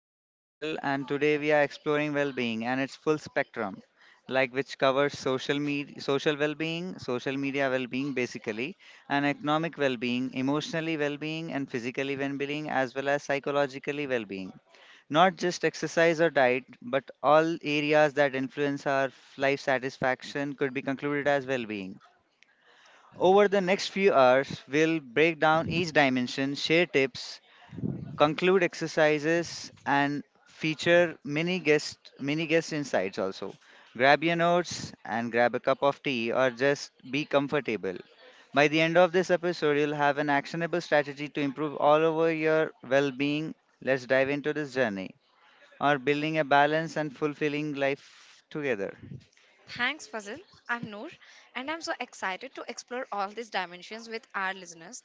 I'm Fazal and today we are exploring well-being and its full spectrum, which covers social media, social well-being, social media well-being basically, and economic well-being, emotionally well-being and physically well-being as well as psychologically well-being. Not just exercise or diet, but all areas that influence our life satisfaction could be concluded as well-being. Over the next few hours, we'll break down each dimension, share tips, conclude exercises and feature mini guest insights also. Grab your notes and grab a cup of tea or just be comfortable. By the end of this episode, you'll have an actionable strategy to improve all over your well-being. Let's dive into this journey or building a balance and fulfilling life together. Thanks, Fazil. I'm Noor, and I'm so excited to explore all these dimensions with our listeners.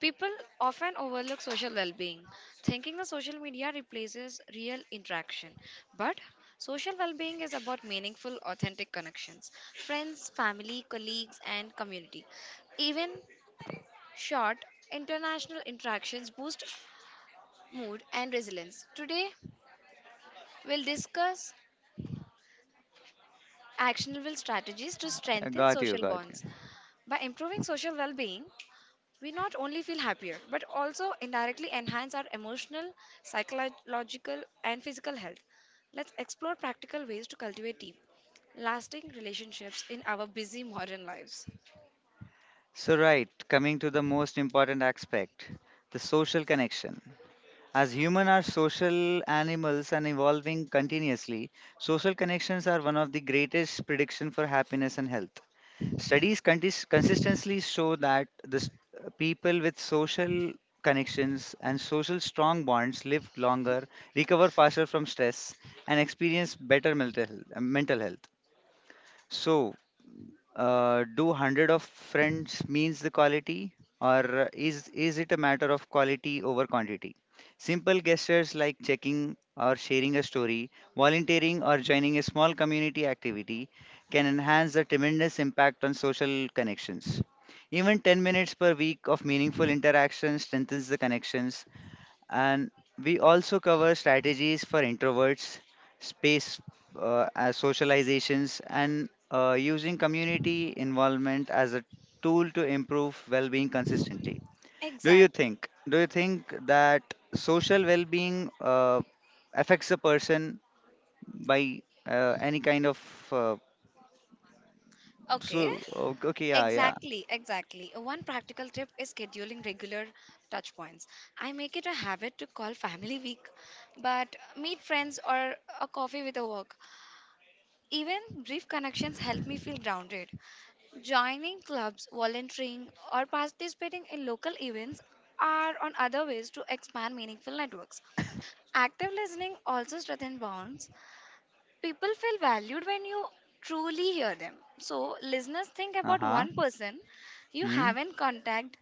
People often overlook social well being, thinking the social media replaces real interaction. But social well being is about meaningful, authentic connections friends, family, colleagues, and community. Even short international interactions boost mood and resilience. Today, we'll discuss actionable strategies to I strengthen got you, social got bonds. you. By improving social well being, we not only feel happier but also indirectly enhance our emotional, psychological, and physical health. Let's explore practical ways to cultivate deep, lasting relationships in our busy modern lives. Coming to the most important aspect the social connection. As humans are social animals and evolving continuously, social connections are one of the greatest prediction for happiness and health. Consistently show that people with social connections and social strong bonds live longer, recover faster from stress, and experience better mental health. So, do 100 of friends means the quality, or is it a matter of quality over quantity? Simple gestures like checking or sharing a story, volunteering or joining a small community activity can enhance the tremendous impact on social connections. Even 10 minutes per week of meaningful interaction strengthens the connections, and we also cover strategies for introverts, space as socializations, and using community involvement as a tool to improve well-being consistently. Exact. Do you think that social well-being affects a person by any kind of Okay. Okay, yeah, yeah. Exactly, exactly. One practical tip is scheduling regular touch points. I make it a habit to call family week, but meet friends or a coffee with a work. Even brief connections help me feel grounded. Joining clubs, volunteering, or participating in local events are on other ways to expand meaningful networks. Active listening also strengthens bonds. People feel valued when you truly hear them. So, listeners think Uh about huh. one person you Hmm. haven't contact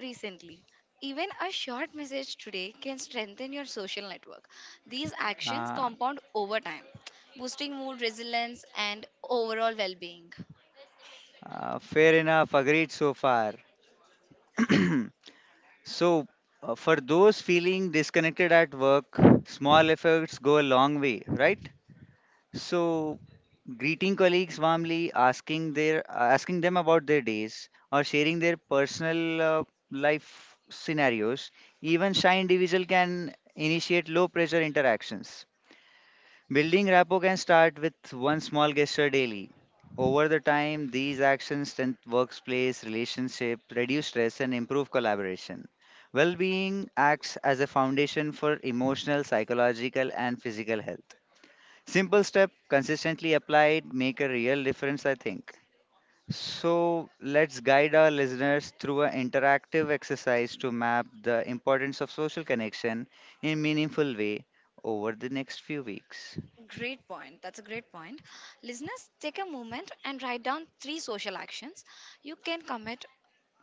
recently. Even a short message today can strengthen your social network. These actions Ah, compound over time, boosting mood resilience and overall well being. Fair enough. Agreed so far. So, for those feeling disconnected at work, small efforts go a long way, right? So, greeting colleagues warmly, asking them about their days, or sharing their personal life scenarios. Even shy individual can initiate low pressure interactions. Building rapport can start with one small gesture daily. Over the time, these actions strengthen workplace relationships, reduce stress, and improve collaboration. Well being acts as a foundation for emotional, psychological, and physical health. Simple step, consistently applied, make a real difference, I think. So, let's guide our listeners through an interactive exercise to map the importance of social connection in meaningful way over the next few weeks. Great point. That's a great point. Listeners, take a moment and write down three social actions you can commit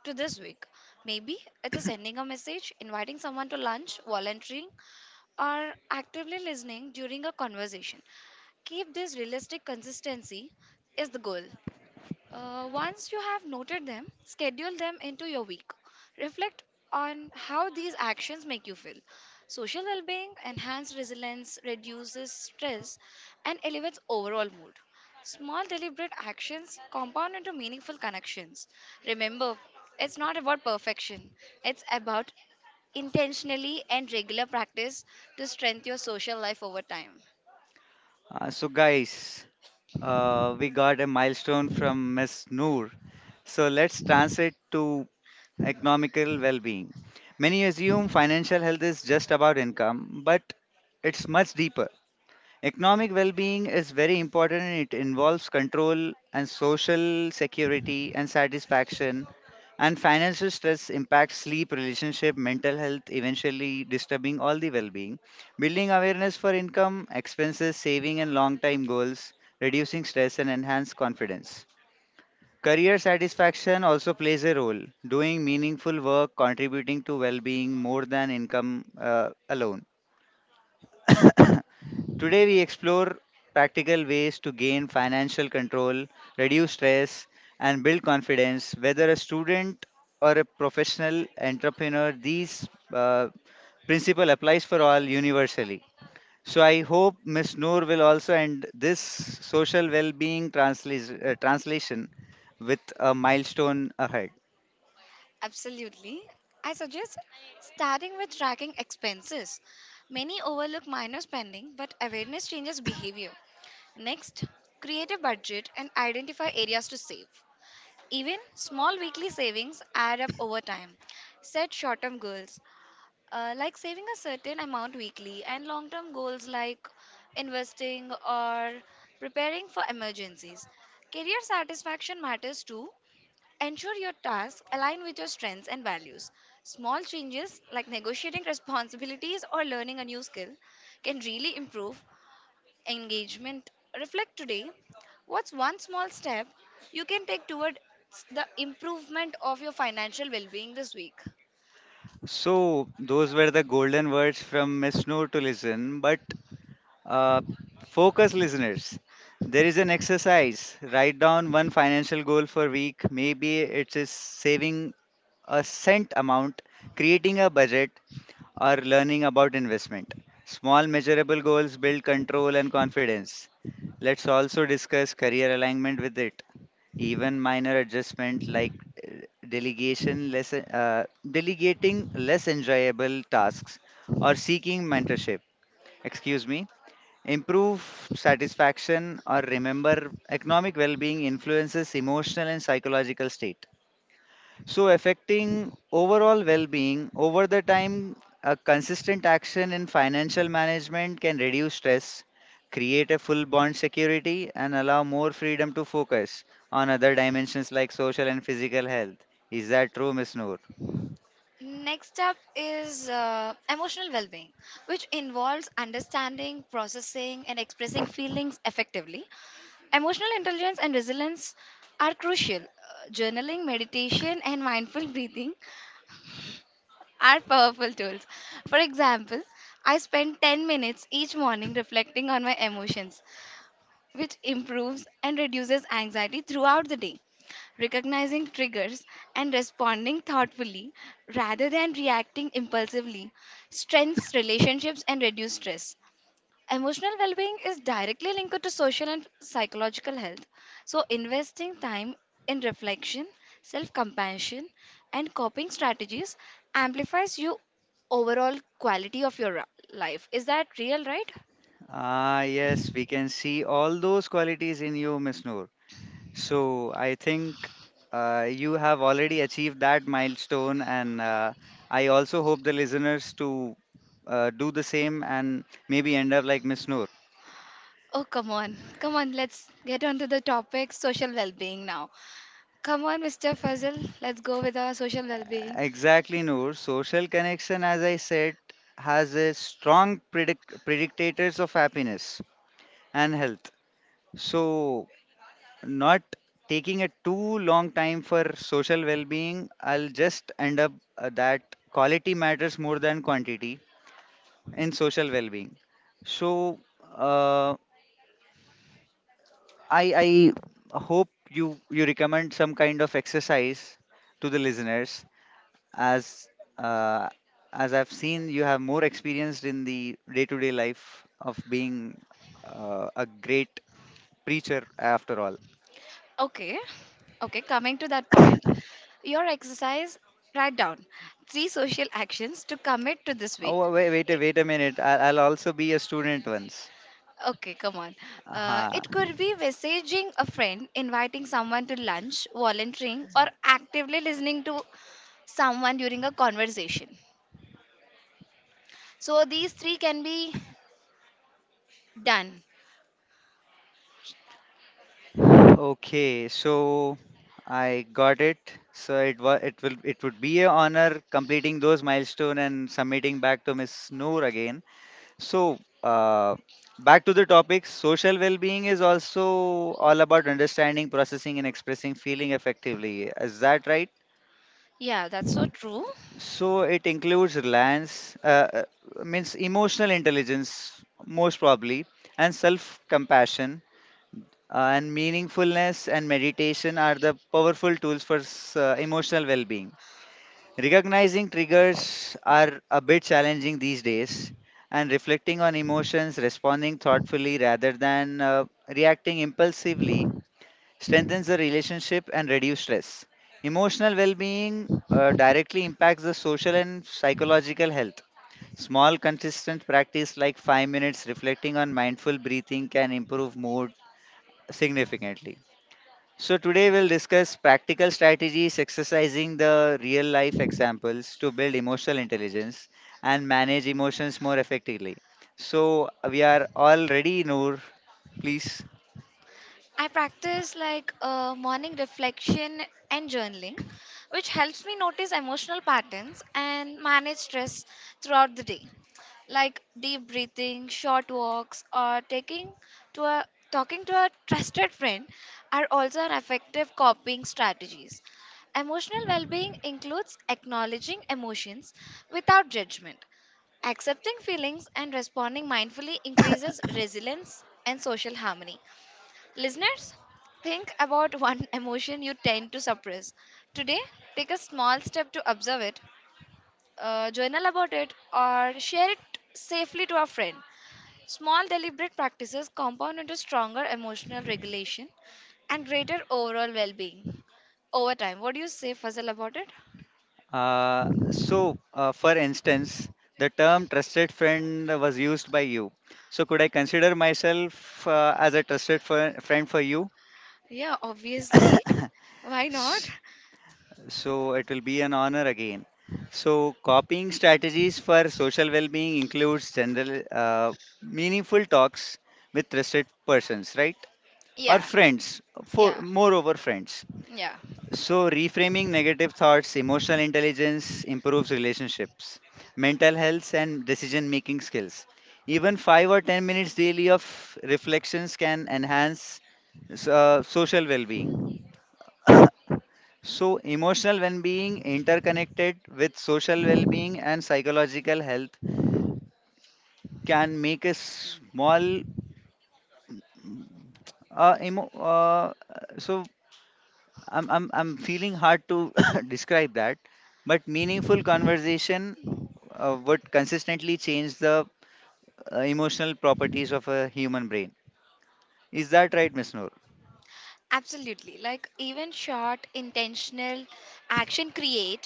to this week. Maybe it's a sending a message, inviting someone to lunch, volunteering, or actively listening during a conversation. Keep this realistic consistency is the goal. Once you have noted them, schedule them into your week. Reflect on how these actions make you feel. Social well being enhances resilience, reduces stress, and elevates overall mood. Small deliberate actions compound into meaningful connections. Remember, it's not about perfection, it's about intentionally and regular practice to strengthen your social life over time. So, guys, we got a milestone from Ms. Noor. So, let's translate to economical well being. Many assume financial health is just about income, but it's much deeper. Economic well being is very important and it involves control and social security and satisfaction. And financial stress impacts sleep, relationship, mental health, eventually disturbing all the well being. Building awareness for income, expenses, saving, and long time goals, reducing stress, and enhance confidence. Career satisfaction also plays a role, doing meaningful work, contributing to well being more than income alone. Today, we explore practical ways to gain financial control, reduce stress, and build confidence. Whether a student or a professional entrepreneur, these principle applies for all universally. So I hope Miss Noor will also end this translation with a milestone ahead. Absolutely. I suggest starting with tracking expenses. Many overlook minor spending, but awareness changes behavior. Next, create a budget and identify areas to save. Even small weekly savings add up over time. Set short term goals, like saving a certain amount weekly, and long term goals like investing or preparing for emergencies. Career satisfaction matters too. Ensure your tasks align with your strengths and values. Small changes like negotiating responsibilities or learning a new skill can really improve engagement. Reflect today what's one small step you can take toward the improvement of your financial well being this week? So those were the golden words from Miss Noor to listen. But Uh, focus listeners. There is an exercise. Write down one financial goal for week. Maybe it is saving a cent amount, creating a budget, or learning about investment. Small measurable goals build control and confidence. Let's also discuss career alignment with it. Even minor adjustment like uh, delegation less delegating less enjoyable tasks or seeking mentorship. Excuse me, improve satisfaction or remember economic well being influences emotional and psychological state. So, affecting overall well being over the time, a consistent action in financial management can reduce stress, create a full bond security, and allow more freedom to focus on other dimensions like social and physical health. Is that true, Miss Noor? Next up is emotional well being, which involves understanding, processing, and expressing feelings effectively. Emotional intelligence and resilience are crucial. Journaling, meditation, and mindful breathing are powerful tools. For example, I spend 10 minutes each morning reflecting on my emotions, which improves and reduces anxiety throughout the day. Recognizing triggers and responding thoughtfully rather than reacting impulsively strengthens relationships and reduces stress. Emotional well being is directly linked to social and psychological health. So, investing time in reflection, self compassion, and coping strategies amplifies your overall quality of your life. Is that real, right? Ah, yes, we can see all those qualities in you, Miss Noor. So I think you have already achieved that milestone, and I also hope the listeners to do the same and maybe end up like Miss Noor. Oh, come on. Come on, let's get on to the topic social well being now. Come on, Mr. Fazil, let's go with our social well being. Exactly, Noor. Social connection, as I said, has a predictors of happiness and health. So not taking a too long time for social well-being, I'll just end up that quality matters more than quantity and social well-being. So uh, I hope you recommend some kind of exercise to the listeners as uh, as I've seen you have more experienced in the day-to-day life of being a great preacher after all. Okay. Okay, coming to that point, your exercise, write down three social actions to commit to this week. Oh I- wait a minute! I'll also be a student once. Okay, come on. Uh-huh. It could be messaging a friend, inviting someone to lunch, volunteering, or actively listening to someone during a conversation. So these three can be done. Okay, so I got it. So it was it will it would be a honor completing those milestone and submitting back to Miss Noor again. So back to the topic, social well-being is also all about understanding, processing, and expressing feeling effectively. Is that right? Yeah, that's so true. So it includes reliance, means emotional intelligence most probably, and self-compassion. And meaningfulness and meditation are the powerful tools for emotional well being. Recognizing triggers are a bit challenging these days, and reflecting on emotions, responding thoughtfully rather than reacting impulsively, strengthens the relationship and reduce stress. Emotional well being directly impacts the social and psychological health. Small, consistent practice like 5 minutes reflecting on mindful breathing can improve mood significantly. So, today we'll discuss practical strategies exercising the real life examples to build emotional intelligence and manage emotions more effectively. So, we are all ready, Noor, please. I practice like morning reflection and journaling, which helps me notice emotional patterns and manage stress throughout the day. Like deep breathing, short walks, or taking to a talking to a trusted friend are also an effective coping strategies. Emotional well-being includes acknowledging emotions without judgment. Accepting feelings and responding mindfully increases resilience and social harmony. Listeners, think about one emotion you tend to suppress. Today, take a small step to observe it, journal about it, or share it safely to a friend. Small, deliberate practices compound into stronger emotional regulation and greater overall well being over time. What do you say, Fazal, about it? For instance, the term trusted friend was used by you. So, could I consider myself as a trusted friend for you? Yeah, obviously. Why not? S- So it will be an honor again. So copying strategies for social well-being includes general meaningful talks with trusted persons, right? Or Yeah. friends, for Yeah. moreover friends. Yeah. So reframing negative thoughts, emotional intelligence improves relationships, mental health and decision-making skills. Even 5 or 10 minutes daily of reflections can enhance social well-being. So, emotional well being interconnected with social well being and psychological health can make a small emo, so I'm feeling hard to describe that, but meaningful conversation would consistently change the emotional properties of a human brain. Is that right, Miss Noor? Absolutely. Like even short intentional action create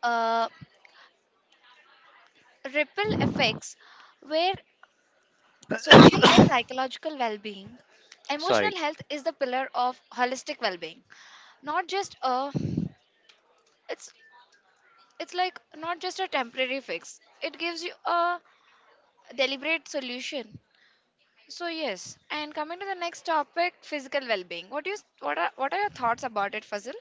uh, ripple effects where social and psychological well-being, emotional Sorry. health is the pillar of holistic well-being. Not just a it's it's like not just a temporary fix. It gives you a deliberate solution. So yes, and coming to the next topic, physical well-being. What do you what are your thoughts about it, Fazil?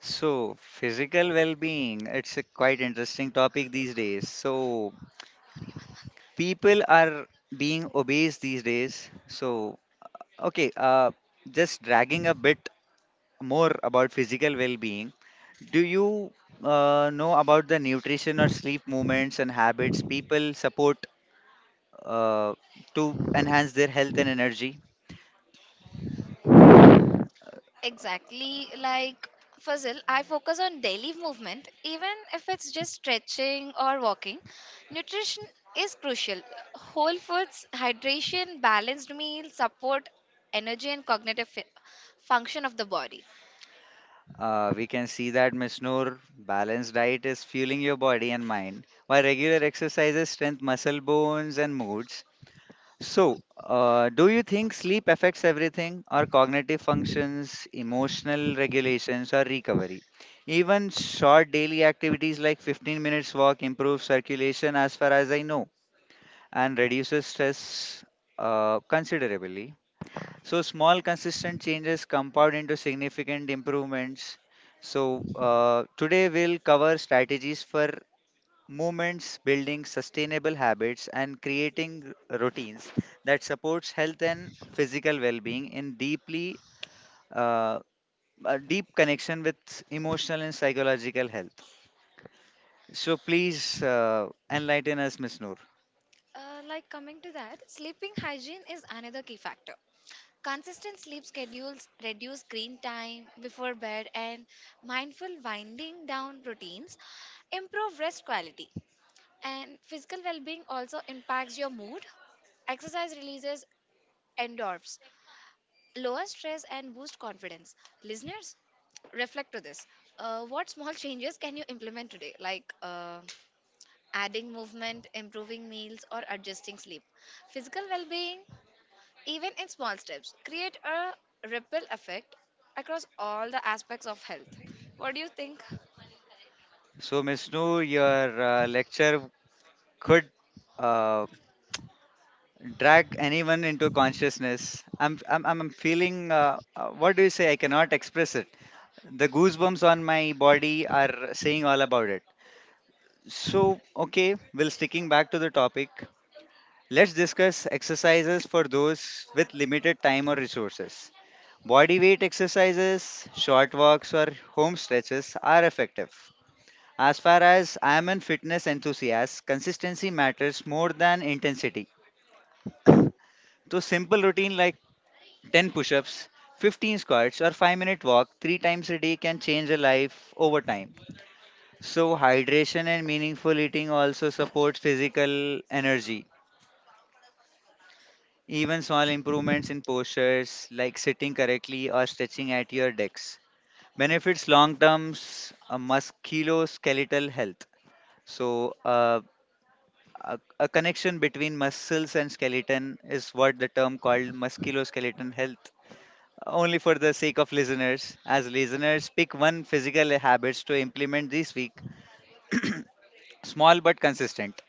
So, physical well being, it's a quite interesting topic these days. So, people are being obese these days. So, okay, just dragging a bit more about physical well being, do you know about the nutrition or sleep movements and habits people support uh, to enhance their health and energy? Exactly. Like Fazil, I focus on daily movement, even if it's just stretching or walking. Nutrition is crucial. Whole foods, hydration, balanced meal support energy and cognitive function of the body. We can see that Miss Noor, balanced diet is fueling your body and mind, while regular exercises strengthen muscle bones and moods. So, do you think sleep affects everything our cognitive functions, emotional regulations, or recovery? Even short daily activities like 15 minutes walk improves circulation, as far as I know, and reduces stress considerably. So, small consistent changes compound into significant improvements. So, today we'll cover strategies for movements, building sustainable habits, and creating routines that supports health and physical well-being in deeply uh, a deep connection with emotional and psychological health. So please enlighten us, Miss Noor. Like coming to that, sleeping hygiene is another key factor. Consistent sleep schedules reduce screen time before bed and mindful winding down routines improve rest quality. And physical well being also impacts your mood. Exercise releases endorphins, lower stress, and boost confidence. Listeners, reflect to this. What small changes can you implement today? Like adding movement, improving meals, or adjusting sleep. Physical well being, even in small steps, create a ripple effect across all the aspects of health. What do you think? So Miss Noor, your lecture could uh, drag anyone into consciousness. I'm feeling. What do you say? I cannot express it. The goosebumps on my body are saying all about it. So, okay, well, sticking back to the topic, let's discuss exercises for those with limited time or resources. Body weight exercises, short walks, or home stretches are effective. As far as I am a fitness enthusiast, consistency matters more than intensity. So, simple routine like 10 push ups, 15 squats, or 5-minute walk three times a day can change a life over time. So, hydration and meaningful eating also supports physical energy. Even small improvements in postures, like sitting correctly or stretching at your decks, benefits long term musculoskeletal health. So, a connection between muscles and skeleton is what the term called musculoskeleton health. Only for the sake of listeners, as listeners, pick one physical habits to implement this week, small but consistent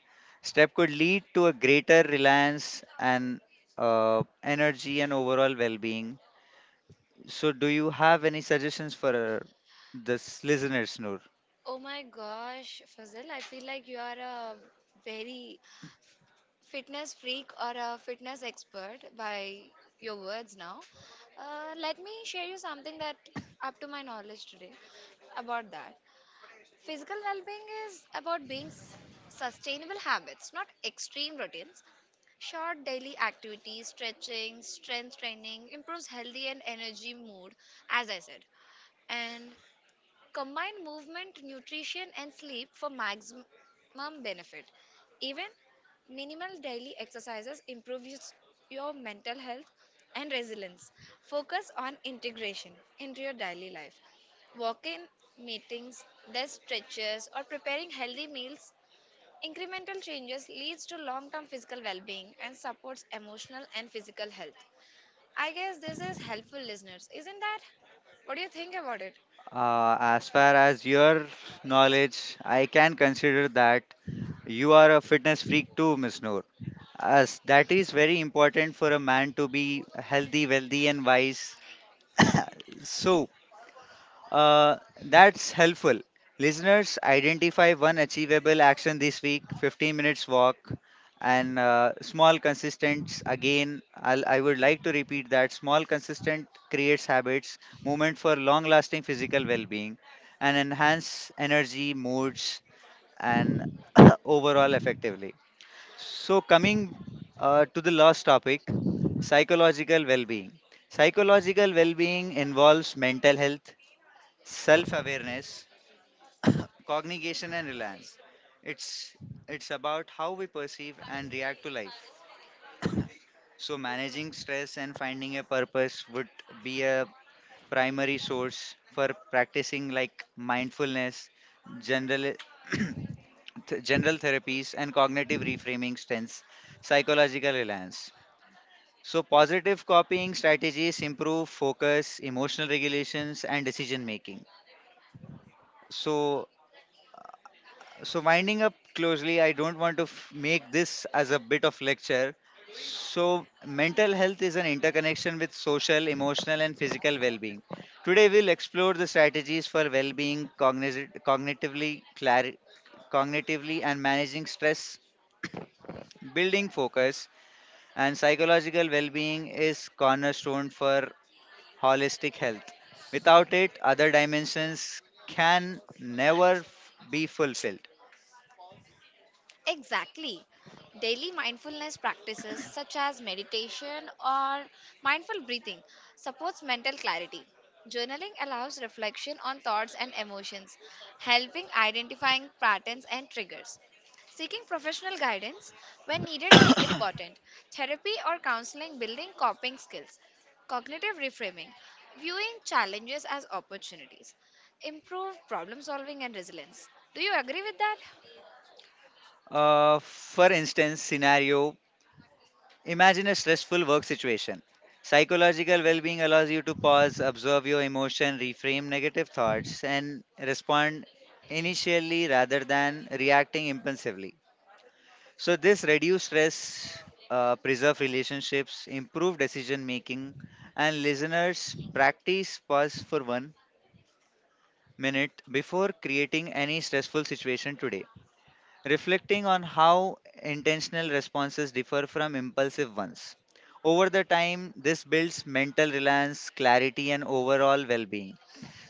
step could lead to a greater reliance and energy and overall well-being. So, do you have any suggestions for this listeners, Noor? Oh my gosh, Fazil, I feel like you are a very fitness freak or a fitness expert by your words now. Let me share you something that up to my knowledge today about that. Physical well-being is about being sustainable habits, not extreme routines. Short daily activities, stretching, strength training improves healthy and energy mood, as I said. And Combine movement, nutrition, and sleep for maximum benefit. Even minimal daily exercises improves your mental health and resilience. Focus on integration into your daily life. Walk in meetings, desk stretches, or preparing healthy meals. Incremental changes leads to long-term physical well-being and supports emotional and physical health. I guess this is helpful listeners, isn't that? What do you think about it? As far as your knowledge, I can consider that you are a fitness freak too, Miss Noor. As that is very important for a man to be healthy, wealthy, and wise. So, Uh, that's helpful. Listeners, identify one achievable action this week 15 minutes walk and small consistent. Again, I would like to repeat that small consistent creates habits, movement for long lasting physical well being, and enhance energy, moods, and overall effectively. So, coming to the last topic, psychological well being. Psychological well being involves mental health, self awareness, cognition, and reliance. It's, it's about how we perceive and react to life. So, managing stress and finding a purpose would be a primary source for practicing like mindfulness, general, general therapies, and cognitive reframing strengths, psychological reliance. So, positive copying strategies improve focus, emotional regulations, and decision making. So, So, winding up closely, I don't want to make this as a bit of lecture. So, mental health is an interconnection with social, emotional, and physical well being. Today, we'll explore the strategies for well being, cognitively, cognitively, and managing stress, building focus, and psychological well being is cornerstone for holistic health. Without it, other dimensions can never be fulfilled. Exactly. Daily mindfulness practices such as meditation or mindful breathing supports mental clarity. Journaling allows reflection on thoughts and emotions, helping identifying patterns and triggers. Seeking professional guidance when needed is important. Therapy or counseling building coping skills. Cognitive reframing, viewing challenges as opportunities. Improve problem solving and resilience. Do you agree with that? For instance, scenario, imagine a stressful work situation. Psychological well being allows you to pause, observe your emotion, reframe negative thoughts, and respond initially rather than reacting impulsively. So, this reduce stress, preserve relationships, improve decision making, and listeners, practice pause for 1 minute before creating any stressful situation today, reflecting on how intentional responses differ from impulsive ones. Over the time, this builds mental reliance, clarity, and overall well being.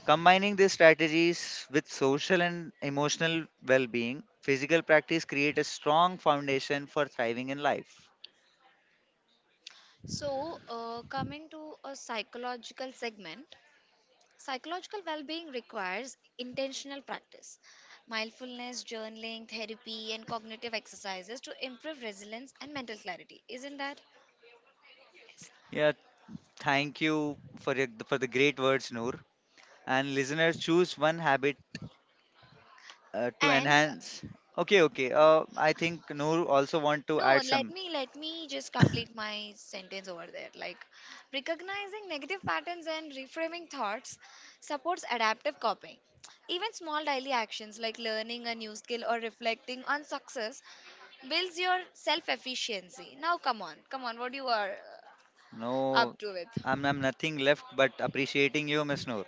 Combining these strategies with social and emotional well being, physical practice creates a strong foundation for thriving in life. So, coming to a psychological segment, psychological well being requires intentional practice, mindfulness, journaling, therapy, and cognitive exercises to improve resilience and mental clarity, isn't that? Yeah, thank you for the great words, Noor. And listeners, choose one habit to And enhance. Okay, okay. I think Noor also want to No, add let some. me let me just complete my sentence over there. Like recognizing negative patterns and reframing thoughts supports adaptive copying. Even small daily actions like learning a new skill or reflecting on success builds your self efficiency. Now come on, come on, what you are No, up to with? I'm nothing left but appreciating you, Miss Noor.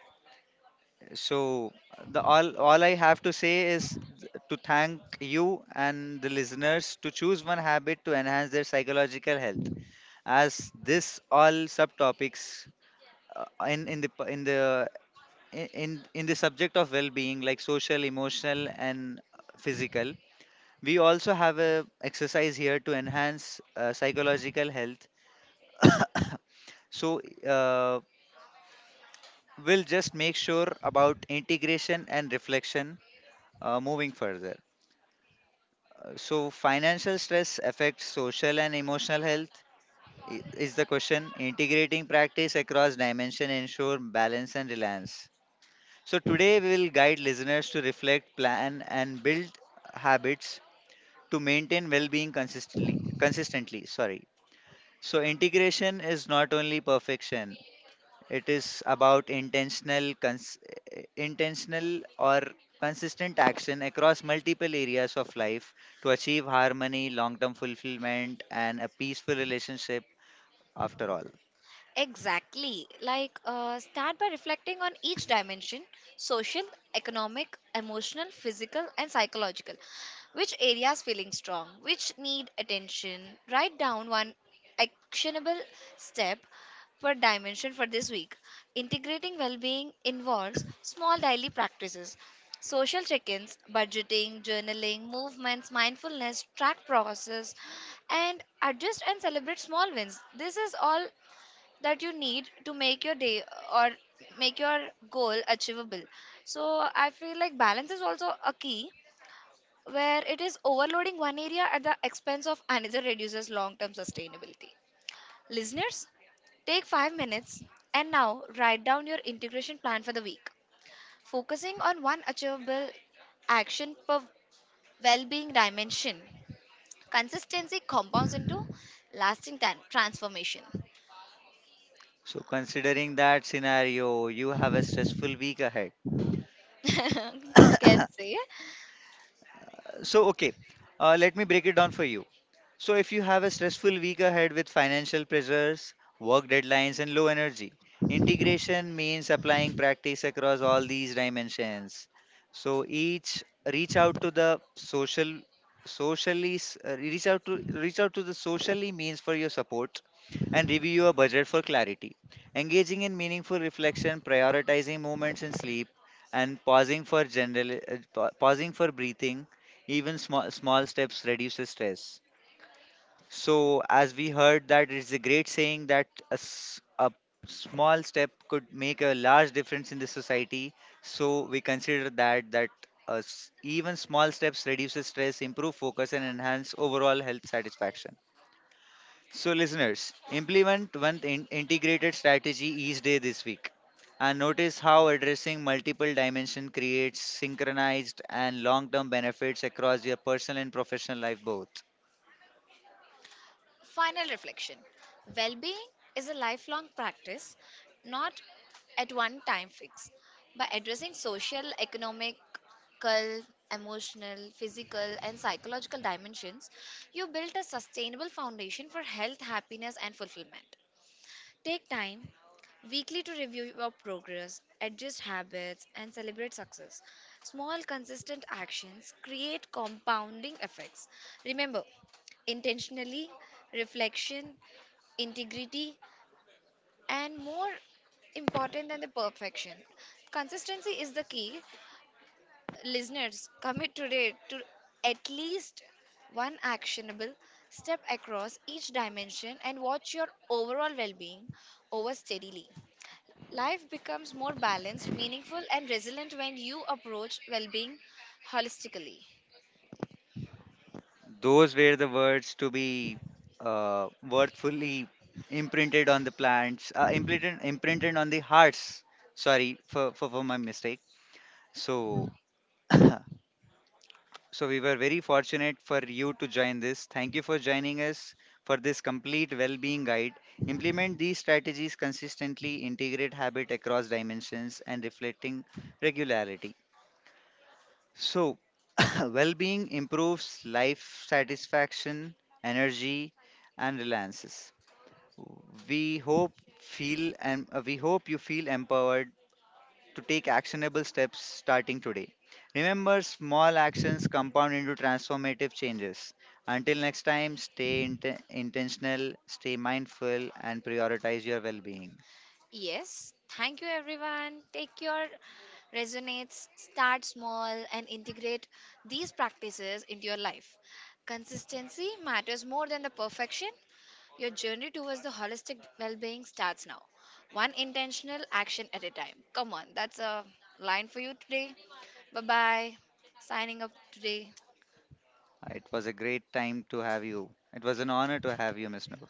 So the all I have to say is to thank you and the listeners to choose one habit to enhance their psychological health. As this all subtopics in the p- in the I- in the subject of well-being like social, emotional, and physical, we also have a exercise here to enhance psychological health. So. Uh, we'll just make sure about integration and reflection moving further. So, financial stress affects social and emotional health is the question. Integrating practice across dimension ensure balance and reliance. So, today we will guide listeners to reflect, plan, and build habits to maintain well-being consistently. Consistently, sorry. So, integration is not only perfection; it is about intentional, intentional or consistent action across multiple areas of life to achieve harmony, long-term fulfillment, and a peaceful relationship. After all, Exactly. Like, start by reflecting on each dimension social, economic, emotional, physical, and psychological. Which areas feeling strong? Which need attention? Write down one actionable step per dimension for this week. Integrating well being involves small daily practices. Social check ins, budgeting, journaling, movements, mindfulness, track process, and adjust and celebrate small wins. This is all that you need to make your day or make your goal achievable. So I feel like balance is also a key where it is overloading one area at the expense of another reduces long term sustainability. Listeners, take 5 minutes and now write down your integration plan for the week. Focusing on one achievable action per well being dimension. Consistency compounds into lasting transformation. so considering that scenario, you have a stressful week ahead. Can say. So, okay, let me break it down for you. So, if you have a stressful week ahead with financial pressures, work deadlines, and low energy, integration means applying practice across all these dimensions. So, each reach out to the social, socially, reach out to the socially means for your support, and review your budget for clarity. Engaging in meaningful reflection, prioritizing moments in sleep, and pausing for general, pausing for breathing, even small steps reduces stress. So as we heard that it's a great saying that a small step could make a large difference in the society. So we consider that even small steps reduces stress, improve focus, and enhance overall health satisfaction. So, listeners, implement one integrated strategy each day this week and notice how addressing multiple dimensions creates synchronized and long term benefits across your personal and professional life both. Final reflection. Well being is a lifelong practice, not at one time fix. By addressing social, economic, emotional, physical, and psychological dimensions, you build a sustainable foundation for health, happiness, and fulfillment. Take time weekly to review your progress, adjust habits, and celebrate success. Small, consistent actions create compounding effects. Remember, intentionally, reflection, integrity, and more important than the perfection. Consistency is the key. Listeners, commit today to at least one actionable step across each dimension and watch your overall well being over steadily. Life becomes more balanced, meaningful, and resilient when you approach well being holistically. Those were the words to be worthfully imprinted on the plants, imprinted on the hearts. Sorry for my mistake. So, so we were very fortunate for you to join this. Thank you for joining us for this complete well-being guide. Implement these strategies consistently, integrate habit across dimensions and reflecting regularity. So well-being improves life satisfaction, energy and relances. We hope we hope you feel empowered to take actionable steps starting today. Remember, small actions compound into transformative changes. Until next time, stay intentional, stay mindful, and prioritize your well being. Yes, thank you everyone. Take your resonates, start small, and integrate these practices into your life. Consistency matters more than the perfection. Your journey towards the holistic well being starts now, one intentional action at a time. Come on, that's a line for you today. Bye bye. Signing up today. It was a great time to have you. It was an honor to have you, Miss Noor.